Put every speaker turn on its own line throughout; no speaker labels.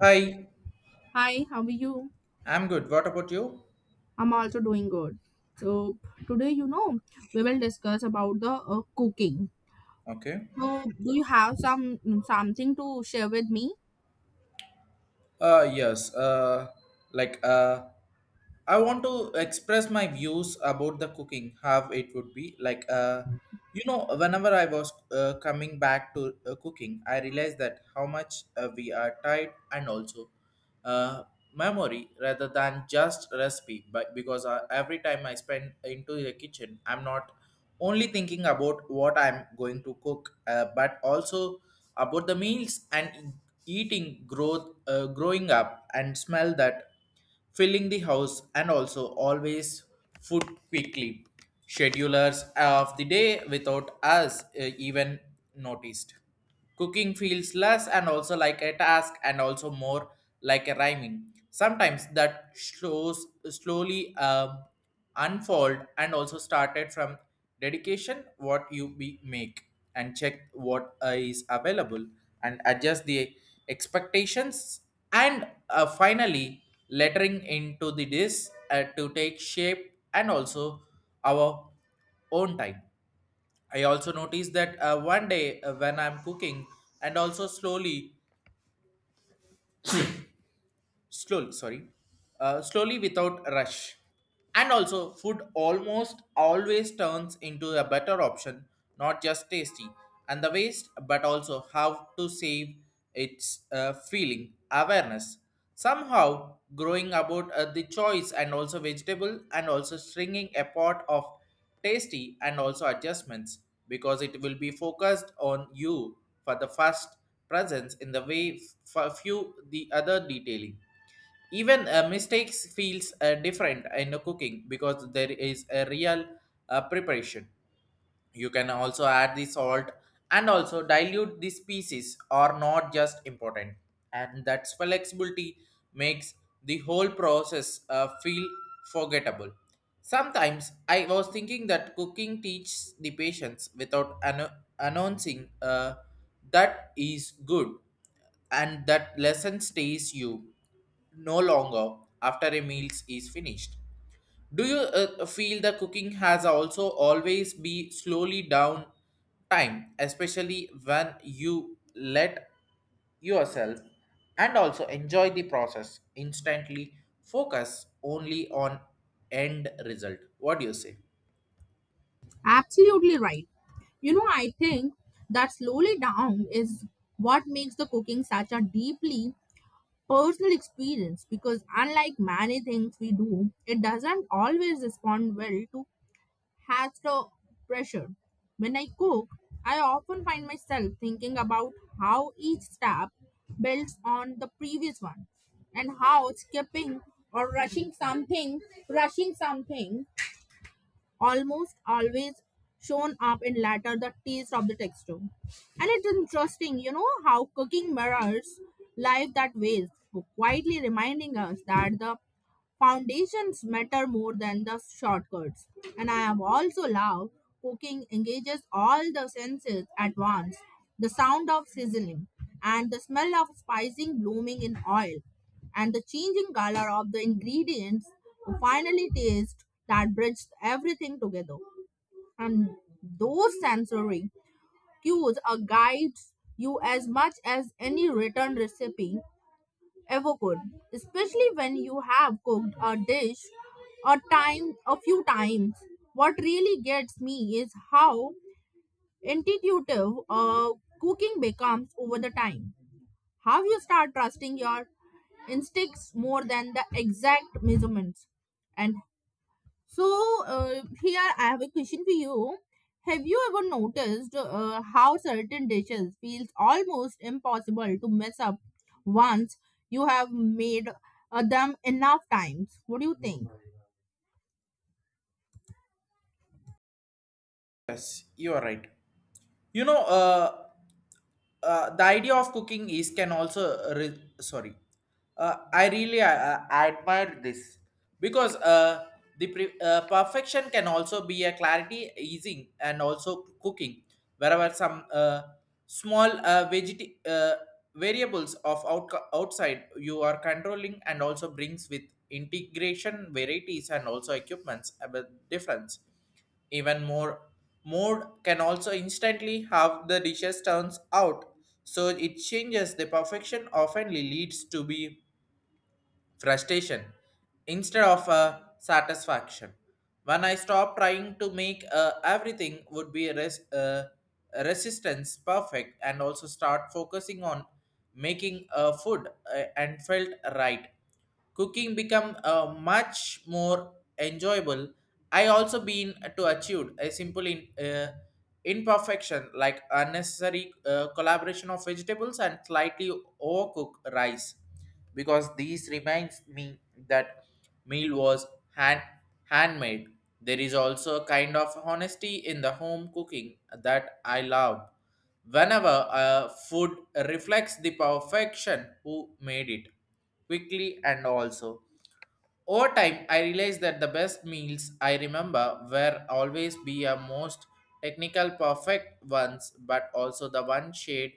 Hi,
Hi, how are you?
I'm good. What about you?
I'm also doing good. So Today, we will discuss about the cooking.
Okay.
So do you have something to share with me?
Yes. Like uh, I want to express my views about the cooking, how it would be. Whenever I was coming back to cooking, I realized that how much we are tied and also uh, memory rather than just recipe. But because every time I spend into the kitchen, I'm not only thinking about what I'm going to cook, but also about the meals and eating growth, growing up and smell that filling the house and also always food quickly schedulers of the day without us even noticed cooking feels less and also like a task and also more like a rhyming sometimes that slows slowly unfold and also started from dedication what you be make and check what is available and adjust the expectations and finally lettering into the this to take shape and also our own time. I also noticed that one day when I'm cooking and also slowly sorry slowly without rush and also food almost always turns into a better option, not just tasty and the waste but also how to save its feeling awareness somehow growing about the choice and also vegetable and also stringing a pot of tasty and also adjustments because it will be focused on you for the first presence in the way few the other detailing even mistakes feels different in the cooking because there is a real preparation. You can also add the salt and also dilute the species are not just important. And that flexibility makes the whole process feel forgettable. Sometimes I was thinking that cooking teaches the patience without announcing that is good, and that lesson stays you no longer after a meal is finished. Do you feel the cooking has also always be slowly down time, especially when you let yourself and also enjoy the process instantly focus only on end result? What do you say?
Absolutely right. You know, I think that slowly down is what makes the cooking such a deeply personal experience because unlike many things we do, it doesn't always respond well to has the pressure. When I cook, I often find myself thinking about how each step builds on the previous one and how skipping or rushing something almost always shown up in latter the taste of the texture. And it's interesting, you know, how cooking mirrors life that ways, quietly reminding us that the foundations matter more than the shortcuts. And I have also loved cooking engages all the senses at once. The sound of sizzling and the smell of spicing blooming in oil and the changing color of the ingredients to finally taste that bridges everything together. And those sensory cues are guides you as much as any written recipe ever could, especially when you have cooked a dish a few times. What really gets me is how intuitive cooking becomes over the time, how you start trusting your instincts more than the exact measurements. And so here I have a question for you. Have you ever noticed how certain dishes feels almost impossible to mess up once you have made them enough times? What do you think?
Yes, you are right. you know uh the idea of cooking is can also re- sorry I really admire this because the perfection can also be a clarity easing and also cooking wherever some small variables of outside you are controlling and also brings with integration varieties and also equipments a bit difference even more, mode can also instantly have the dishes turns out, so it changes the perfection often leads to be frustration instead of a satisfaction. When I stop trying to make everything would be resistance perfect and also start focusing on making food and felt right. Cooking become much more enjoyable. I also been to achieved a simple imperfection, like unnecessary collaboration of vegetables and slightly overcooked rice, because these reminds me that meal was hand handmade. There is also a kind of honesty in the home cooking that I love. Whenever food reflects the perfection who made it quickly and also over time, I realized that the best meals I remember were always be a most technical perfect ones, but also the one shared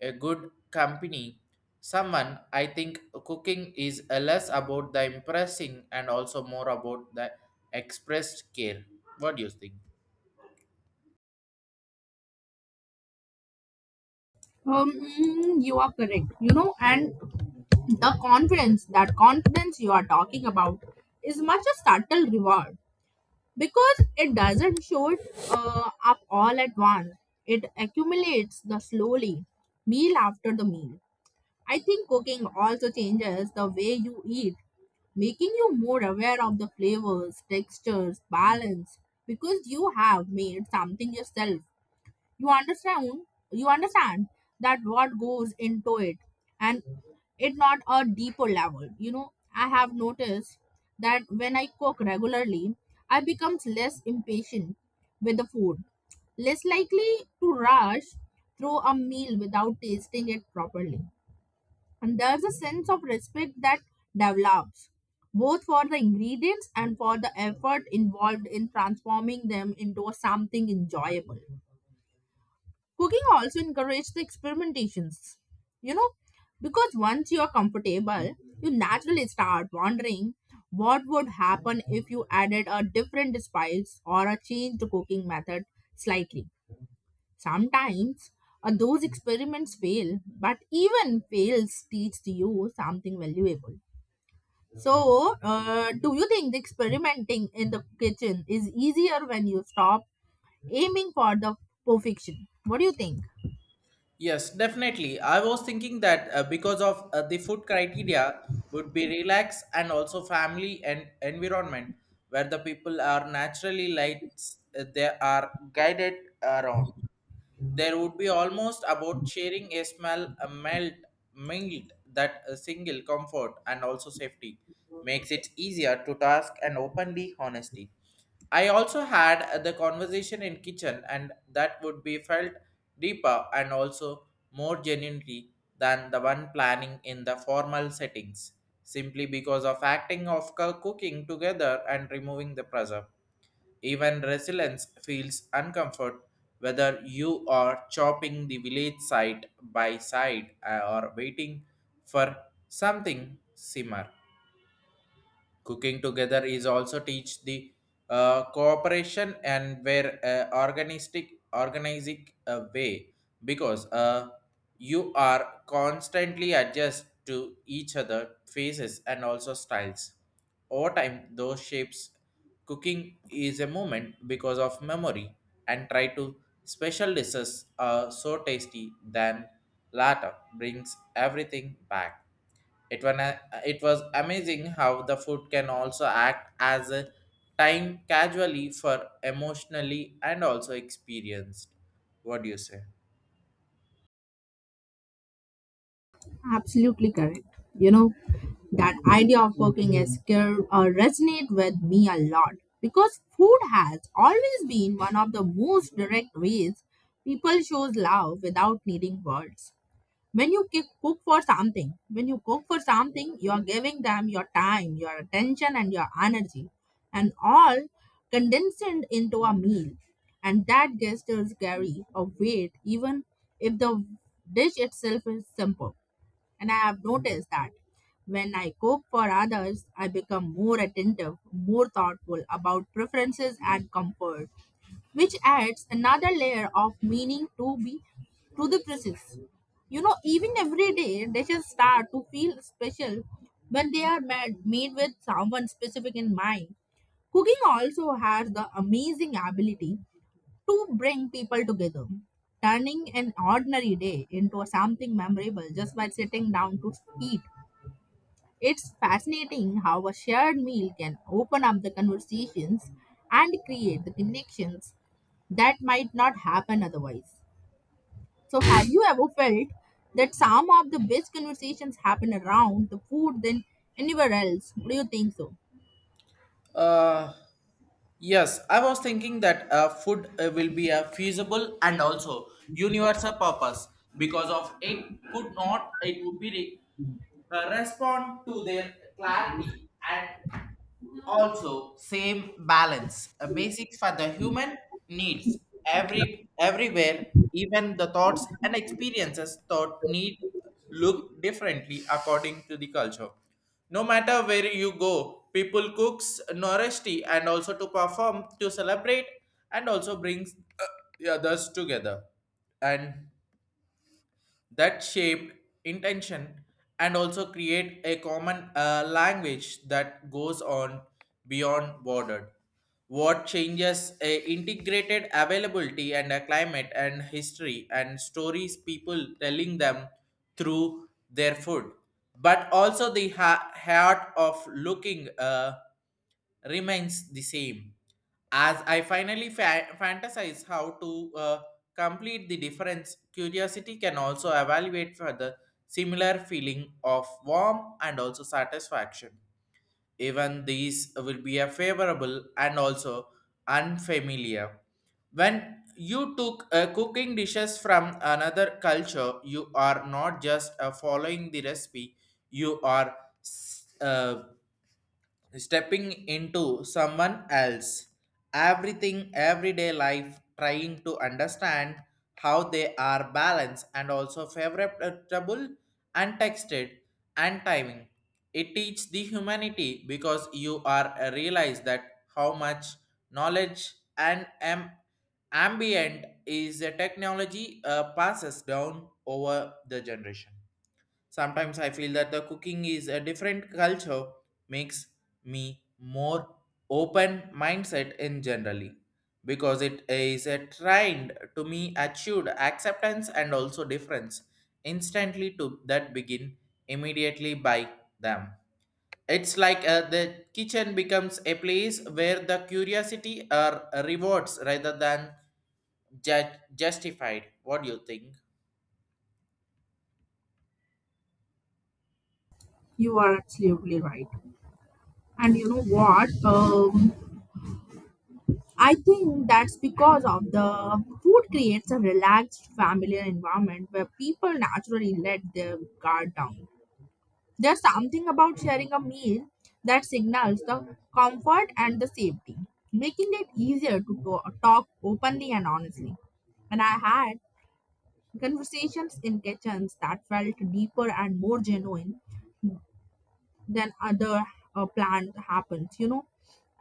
a good company. Someone, I think cooking is a less about the impressing and also more about the expressed care. What do you think?
You are correct. You know, and The confidence, that confidence you are talking about, is much a subtle reward because it doesn't show it up all at once. It accumulates the slowly, meal after the meal. I think cooking also changes the way you eat, making you more aware of the flavors, textures, balance because you have made something yourself. You understand you understand that what goes into it, and it not a deeper level. You know, I have noticed that when I cook regularly, I becomes less impatient with the food, less likely to rush through a meal without tasting it properly. And there's a sense of respect that develops both for the ingredients and for the effort involved in transforming them into something enjoyable. Cooking also encourages the experimentations, you know, because once you are comfortable you naturally start wondering what would happen if you added a different spice or a changed cooking method slightly. Sometimes those experiments fail, but even fails teach you something valuable. So, do you think the experimenting in the kitchen is easier when you stop aiming for the perfection? What do you think?
Yes, definitely. I was thinking that because of the food criteria would be relaxed, and also family and environment where the people are naturally lights they are guided around. There would be almost about sharing a smell a melt mingled that a single comfort and also safety makes it easier to task and openly honesty. I also had the conversation in kitchen and that would be felt deeper and also more genuinely than the one planning in the formal settings, simply because of acting of cooking together and removing the pressure even resilience feels uncomfort, whether you are chopping the village side by side or waiting for something simmer. Cooking together is also teach the cooperation and where organistic organizing way because you are constantly adjust to each other faces and also styles. Over time, those shapes cooking is a moment because of memory and try to special dishes are so tasty than latter brings everything back. It was, it was amazing how the food can also act as a time casually for emotionally and also experienced. What do you say?
Absolutely correct. You know, that idea of working as care resonate with me a lot because food has always been one of the most direct ways people shows love without needing words. Cook for something, when you cook for something, you are giving them your time, your attention and your energy, and all condensed into a meal. And that gestures carry a weight even if the dish itself is simple. And I have noticed that when I cook for others I become more attentive, more thoughtful about preferences and comfort, which adds another layer of meaning to be to the process. You know, even everyday dishes start to feel special when they are made with someone specific in mind. Cooking also has the amazing ability to bring people together, turning an ordinary day into something memorable just by sitting down to eat. It's fascinating how a shared meal can open up the conversations and create the connections that might not happen otherwise. So, have you ever felt that some of the best conversations happen around the food than anywhere else? Do you think so?
Uh, yes, I was thinking that food will be a feasible and also universal purpose because of it could not it would be re- respond to their clarity and also same balance a basics for the human needs everywhere, even the thoughts and experiences thought need look differently according to the culture. No matter where you go, people cooks nourishty and also to perform to celebrate and also brings uh, the others together, and that shaped intention and also create a common language that goes on beyond border. What changes a integrated availability and a climate and history and stories people telling them through their food, but also the heart of looking remains the same. As I finally fantasize how to complete the difference, curiosity can also evaluate for the similar feeling of warmth and also satisfaction, even these will be a favorable and also unfamiliar. When you took cooking dishes from another culture, you are not just following the recipe, you are s- uh, stepping into someone else everything everyday life trying to understand how they are balanced and also favorable and texted and timing. It teaches the humanity because you are realize that how much knowledge and ambient is a technology passes down over the generation. Sometimes I feel that the cooking is a different culture makes me more open mindset in generally, because it is a trend to me achieved acceptance and also difference instantly to that begin immediately by them. It's like the kitchen becomes a place where the curiosity are rewards rather than justified. What do you think?
You are absolutely right. And you know what? I think that's because of the food creates a relaxed familiar environment where people naturally let their guard down. There's something about sharing a meal that signals the comfort and the safety, making it easier to talk openly and honestly. And I had conversations in kitchens that felt deeper and more genuine than other planned happens, you know.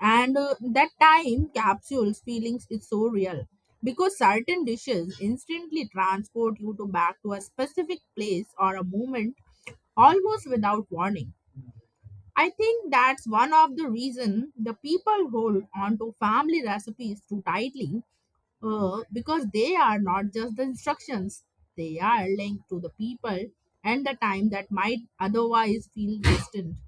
And that time capsules feelings is so real because certain dishes instantly transport you to back to a specific place or a moment almost without warning. I think that's one of the reason the people hold on to family recipes too tightly, because they are not just the instructions, they are linked to the people and the time that might otherwise feel distant.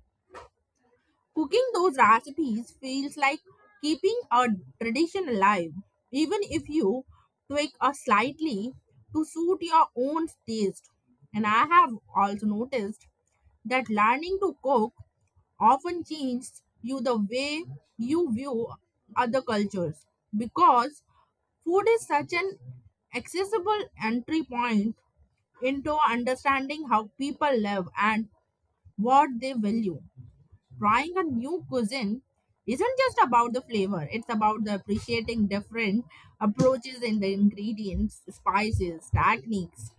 Cooking those recipes feels like keeping a tradition alive, even if you tweak a slightly to suit your own taste. And I have also noticed that learning to cook often changes you the way you view other cultures because food is such an accessible entry point into understanding how people live and what they value. Trying a new cuisine isn't just about the flavor, it's about the appreciating different approaches in the ingredients, spices, techniques.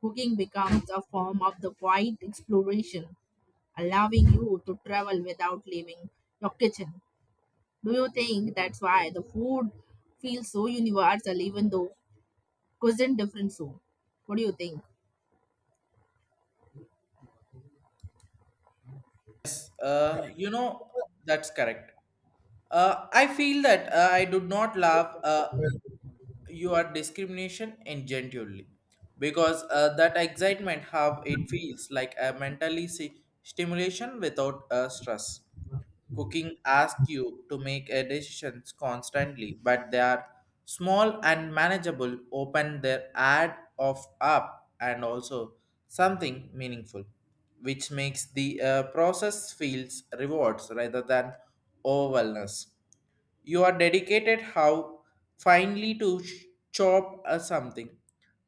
Cooking becomes a form of the quiet exploration, allowing you to travel without leaving your kitchen. Do you think that's why the food feels so universal even though cuisine different so? What do you think?
Yes, you know that's correct. I feel that I did not love your discrimination ingenuinely because that excitement how it feels like a mentally stimulation without stress. Cooking asks you to make a decisions constantly, but they are small and manageable. Open their ad of up and also something meaningful, which makes the process feels rewards rather than overwhelmness. You are dedicated how finely to chop a something.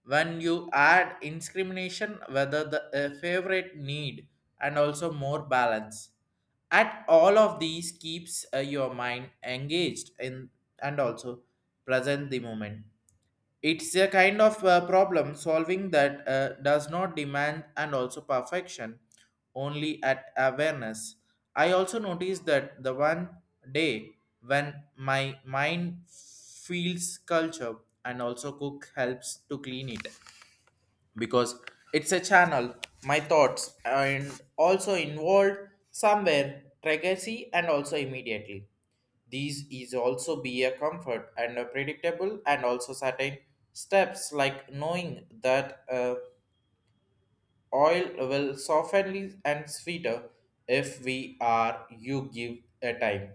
When you add discrimination, whether the a favorite need and also more balance. At all of these keeps your mind engaged in and also present the moment. It's a kind of problem solving that does not demand and also perfection, only at awareness. I also noticed that the one day when my mind feels culture and also cook helps to clean it, because it's a channel my thoughts and also involved somewhere legacy and also immediately these is also be a comfort and a predictable and also certain steps, like knowing that oil will soften and sweeter if we are you give a time.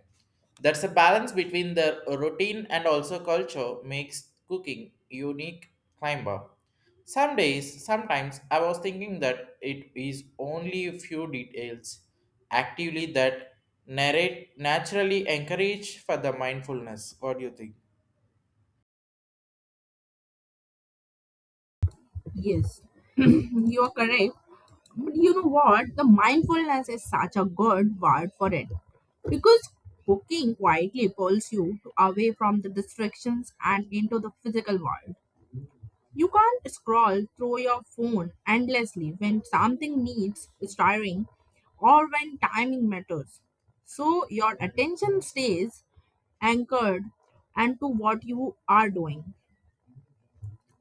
That's a balance between the routine and also culture makes cooking unique climber. Sometimes I was thinking that it is only a few details actively that narrate naturally encourage for the mindfulness. What do you think?
Yes, you're correct. But you know what? The mindfulness is such a good word for it, because cooking quietly pulls you away from the distractions and into the physical world. You can't scroll through your phone endlessly when something needs stirring or when timing matters. So your attention stays anchored and to what you are doing.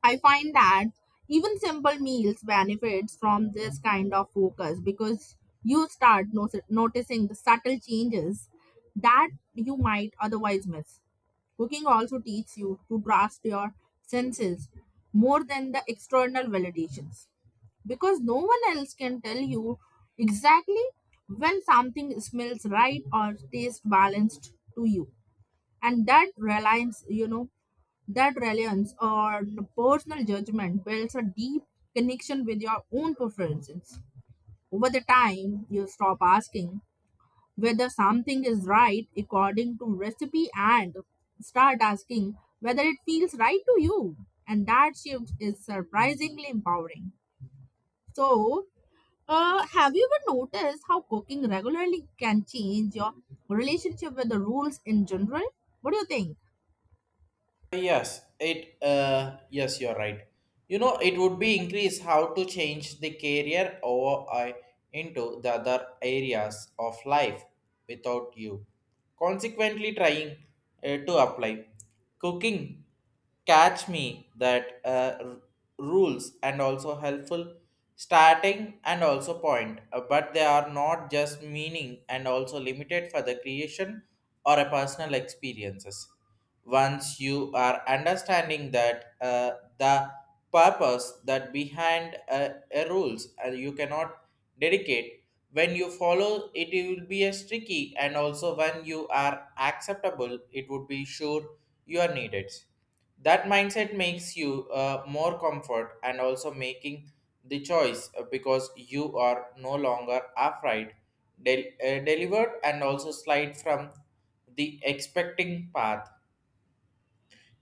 I find that even simple meals benefits from this kind of focus because you start noticing the subtle changes that you might otherwise miss. Cooking also teaches you to trust your senses more than the external validations because no one else can tell you exactly when something smells right or tastes balanced to you. And that reliance, you know, that reliance on personal judgment builds a deep connection with your own preferences. Over the time you stop asking whether something is right according to recipe and start asking whether it feels right to you, and that shift is surprisingly empowering. So, have you ever noticed how cooking regularly can change your relationship with the rules in general? What do you think?
Yes, you're right. You know, it would be increase how to change the career or I into the other areas of life without you. Consequently, trying to apply cooking catch me that rules and also helpful starting and also point. But they are not just meaning and also limited for the creation or a personal experiences once you are understanding that the purpose that behind a rules, you cannot dedicate. When you follow it, it will be a tricky, and also when you are acceptable it would be sure you are needed. That mindset makes you more comfort and also making the choice because you are no longer afraid delivered and also slide from the expecting path.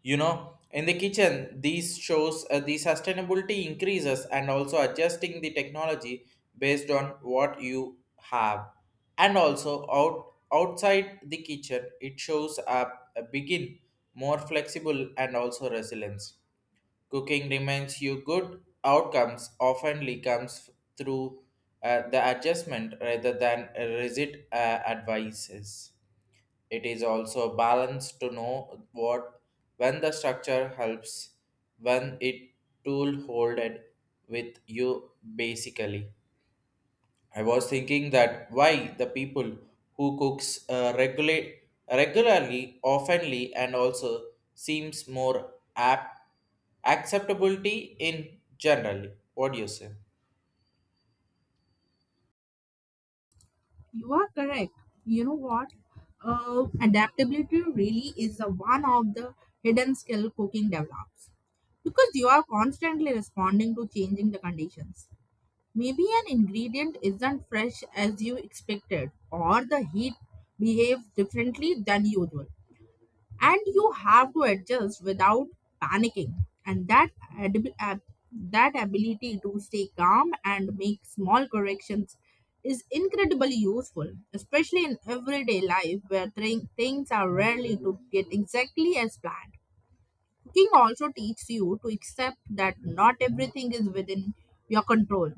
You know, in the kitchen these shows the sustainability increases and also adjusting the technology based on what you have, and also outside the kitchen it shows up a begin more flexible and also resilience. Cooking reminds you good outcomes often comes through the adjustment rather than rigid advices. It is also a balance to know what when the structure helps, when it tool hold it with you basically. I was thinking that why the people who cooks regulate regularly, oftenly, and also seems more apt acceptability in generally. What do you say?
You are correct. You know what? Adaptability really is a one of the hidden skill cooking develops because you are constantly responding to changing the conditions. Maybe an ingredient isn't fresh as you expected, or the heat behaves differently than usual and you have to adjust without panicking. And that adab- ab- that ability to stay calm and make small corrections is incredibly useful, especially in everyday life where things are rarely to get exactly as planned. Cooking also teaches you to accept that not everything is within your control,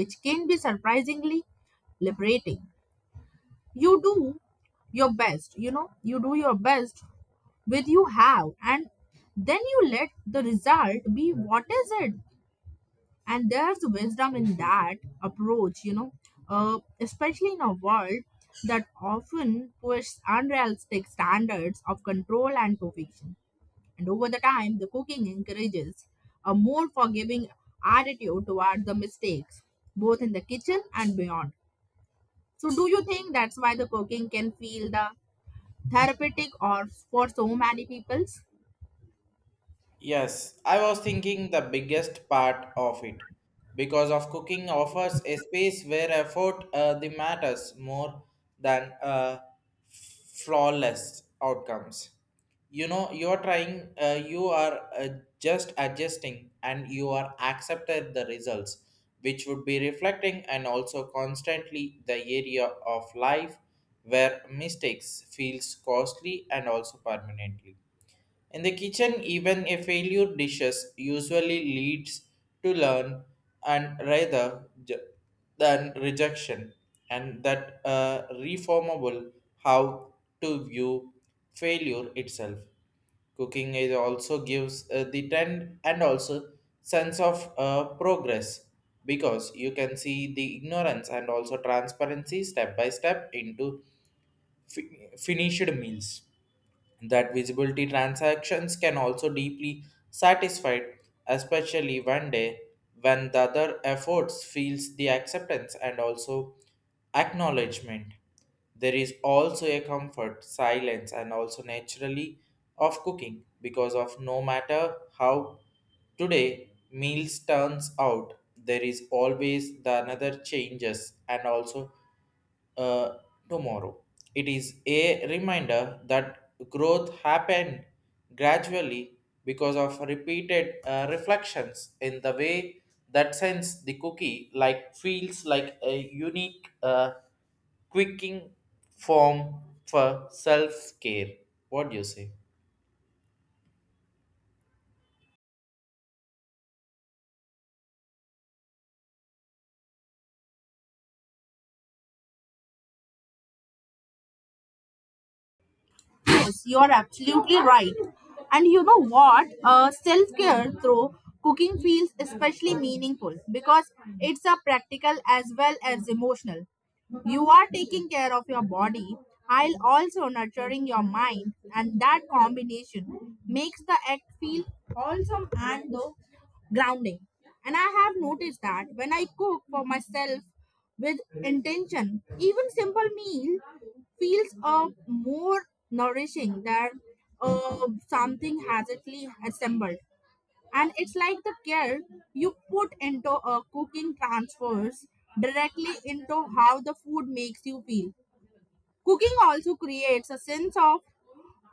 which can be surprisingly liberating. you do you do your best with you have, and then you let the result be what is it. And there's wisdom in that approach, you know, especially in a world that often pushes unrealistic standards of control and perfection. And over the time the cooking encourages a more forgiving attitude toward the mistakes, both in the kitchen and beyond. So do you think that's why the cooking can feel the therapeutic or for so many peoples?
Yes, I was thinking the biggest part of it because of cooking offers a space where effort the matters more than flawless outcomes. You know, you are trying, you are just adjusting, and you are accepted the results, which would be reflecting and also constantly the area of life where mistakes feels costly and also permanently in the kitchen, even a failure dishes usually leads to learn and than rejection, and that reformable how to view failure itself. Cooking is also gives the trend and also sense of progress because you can see the ignorance and also transparency step by step into finished meals. That visibility transactions can also deeply satisfied, especially one day when the other efforts feels the acceptance and also acknowledgement. There is also a comfort, silence, and also naturally of cooking because of no matter how today meals turns out, there is always the another changes and also uh, tomorrow. It is a reminder that growth happened gradually because of repeated reflections in the way that sense the cookie like feels like a unique quicking form for self-care. What do you say?
Yes, you are absolutely right. And you know what? Self care through cooking feels especially meaningful because it's a practical as well as emotional. You are taking care of your body while also nurturing your mind, and that combination makes the act feel wholesome and though grounding. And I have noticed that when I cook for myself with intention, even simple meal feels more nourishing than something hastily assembled. And it's like the care you put into cooking transfers directly into how the food makes you feel. Cooking also creates a sense of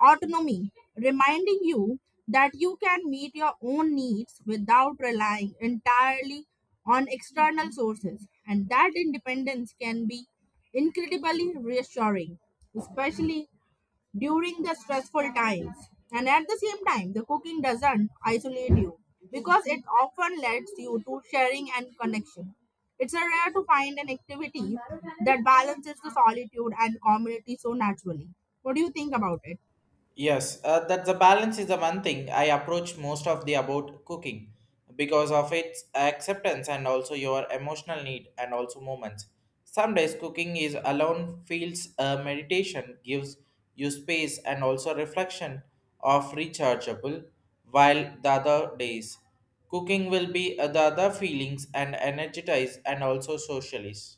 autonomy, reminding you that you can meet your own needs without relying entirely on external sources. And that independence can be incredibly reassuring, especially during the stressful times. And at the same time, the cooking doesn't isolate you because it often lets you to sharing and connection. It's a rare to find an activity that balances the solitude and community so naturally. What do you think about it?
Yes, that the balance is the one thing I approach most of the about cooking because of its acceptance and also your emotional need and also moments. Some days cooking is alone feels meditation gives you space and also reflection of rechargeable, while the other days cooking will be the other feelings and energize and also socialist.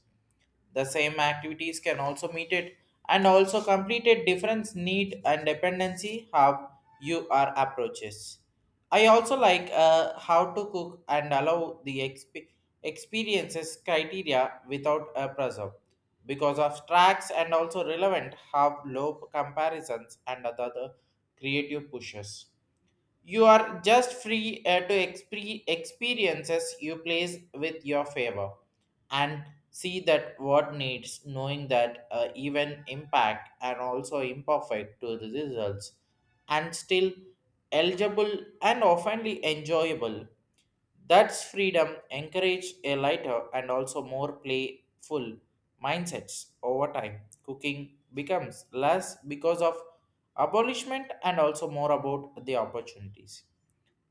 The same activities can also meet it and also completed different need and dependency how you are approaches. I also like how to cook and allow the experiences criteria without a preserve because of tracks and also relevant have low comparisons and other creative pushes. You are just free to experiences you place with your favor and see that what needs, knowing that even impact and also imperfect to the results and still eligible and oftenly enjoyable. That's freedom encourage a lighter and also more playful mindsets over time. Cooking becomes less because of abolishment and also more about the opportunities.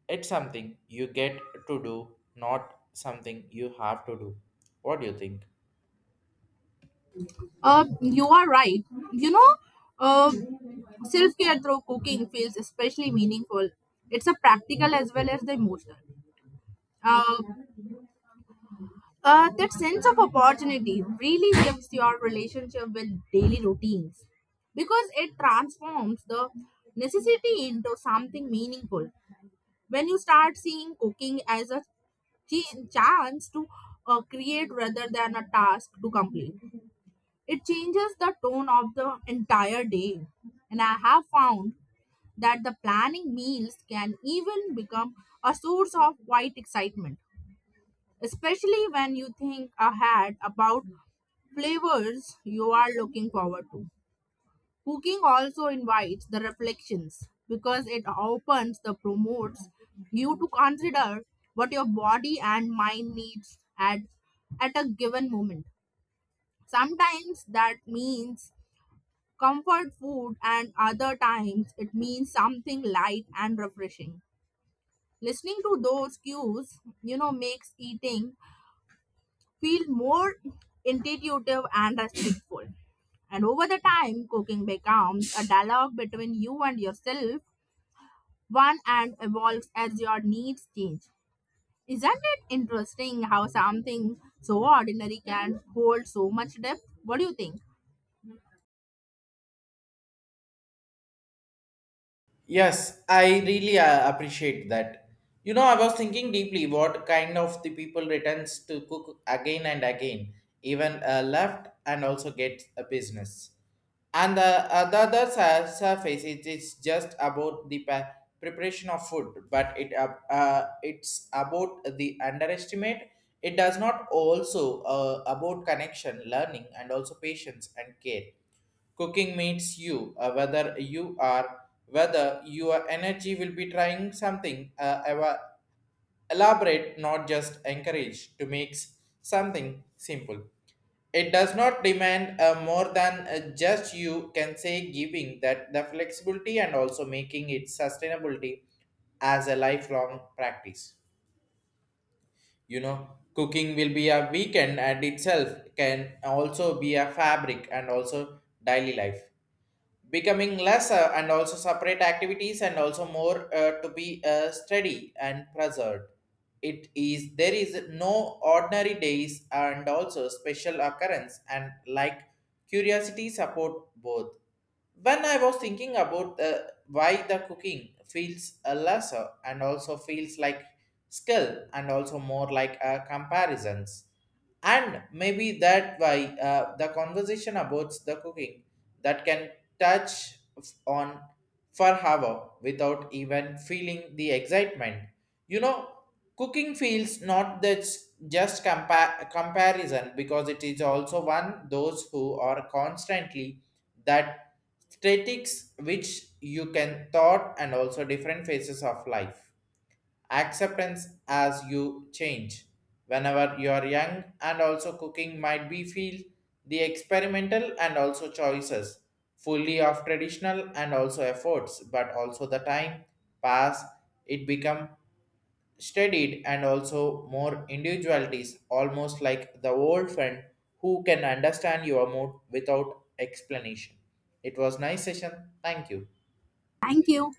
It's something you get to do, not something you have to do. What do you think?
You are right. You know, uh, self care through cooking feels especially meaningful. It's a practical as well as the emotional. Uh, that sense of opportunity really shifts your relationship with daily routines because it transforms the necessity into something meaningful. When you start seeing cooking as a chance to create rather than a task to complete, it changes the tone of the entire day. And I have found that the planning meals can even become a source of quiet excitement, especially when you think ahead about flavors you are looking forward to. Cooking also invites the reflections because it opens the promotes you to consider what your body and mind needs at a given moment. Sometimes that means comfort food and other times it means something light and refreshing. Listening to those cues, you know, makes eating feel more intuitive and respectful. And over the time, cooking becomes a dialogue between you and yourself, one and evolves as your needs change. Isn't it interesting how something so ordinary can hold so much depth? What do you think?
Yes, I really appreciate that. You know, I was thinking deeply what kind of the people returns to cook again and again, even left and also gets a business. And the other surface it is just about the preparation of food, but it it's about the underestimate. It does not also about connection, learning, and also patience and care. Cooking means you, whether your energy will be trying something ever elaborate, not just encourage to make something simple. It does not demand more than just you can say giving that the flexibility and also making it sustainability as a lifelong practice. You know, cooking will be a weekend and itself can also be a fabric and also daily life becoming lesser and also separate activities and also more to be steady and preserved. It is there is no ordinary days and also special occurrence and like curiosity support both when I was thinking about why the cooking feels a lesser and also feels like skill and also more like comparisons, and maybe that why the conversation about the cooking that can touch on for hour without even feeling the excitement. You know, cooking feels not that just comparison because it is also one those who are constantly that statics which you can thought and also different phases of life acceptance as you change. Whenever you are young and also cooking might be feel the experimental and also choices fully of traditional and also efforts, but also the time pass it become studied and also more individualities, almost like the old friend who can understand your mood without explanation. It was nice session. Thank you.
Thank you.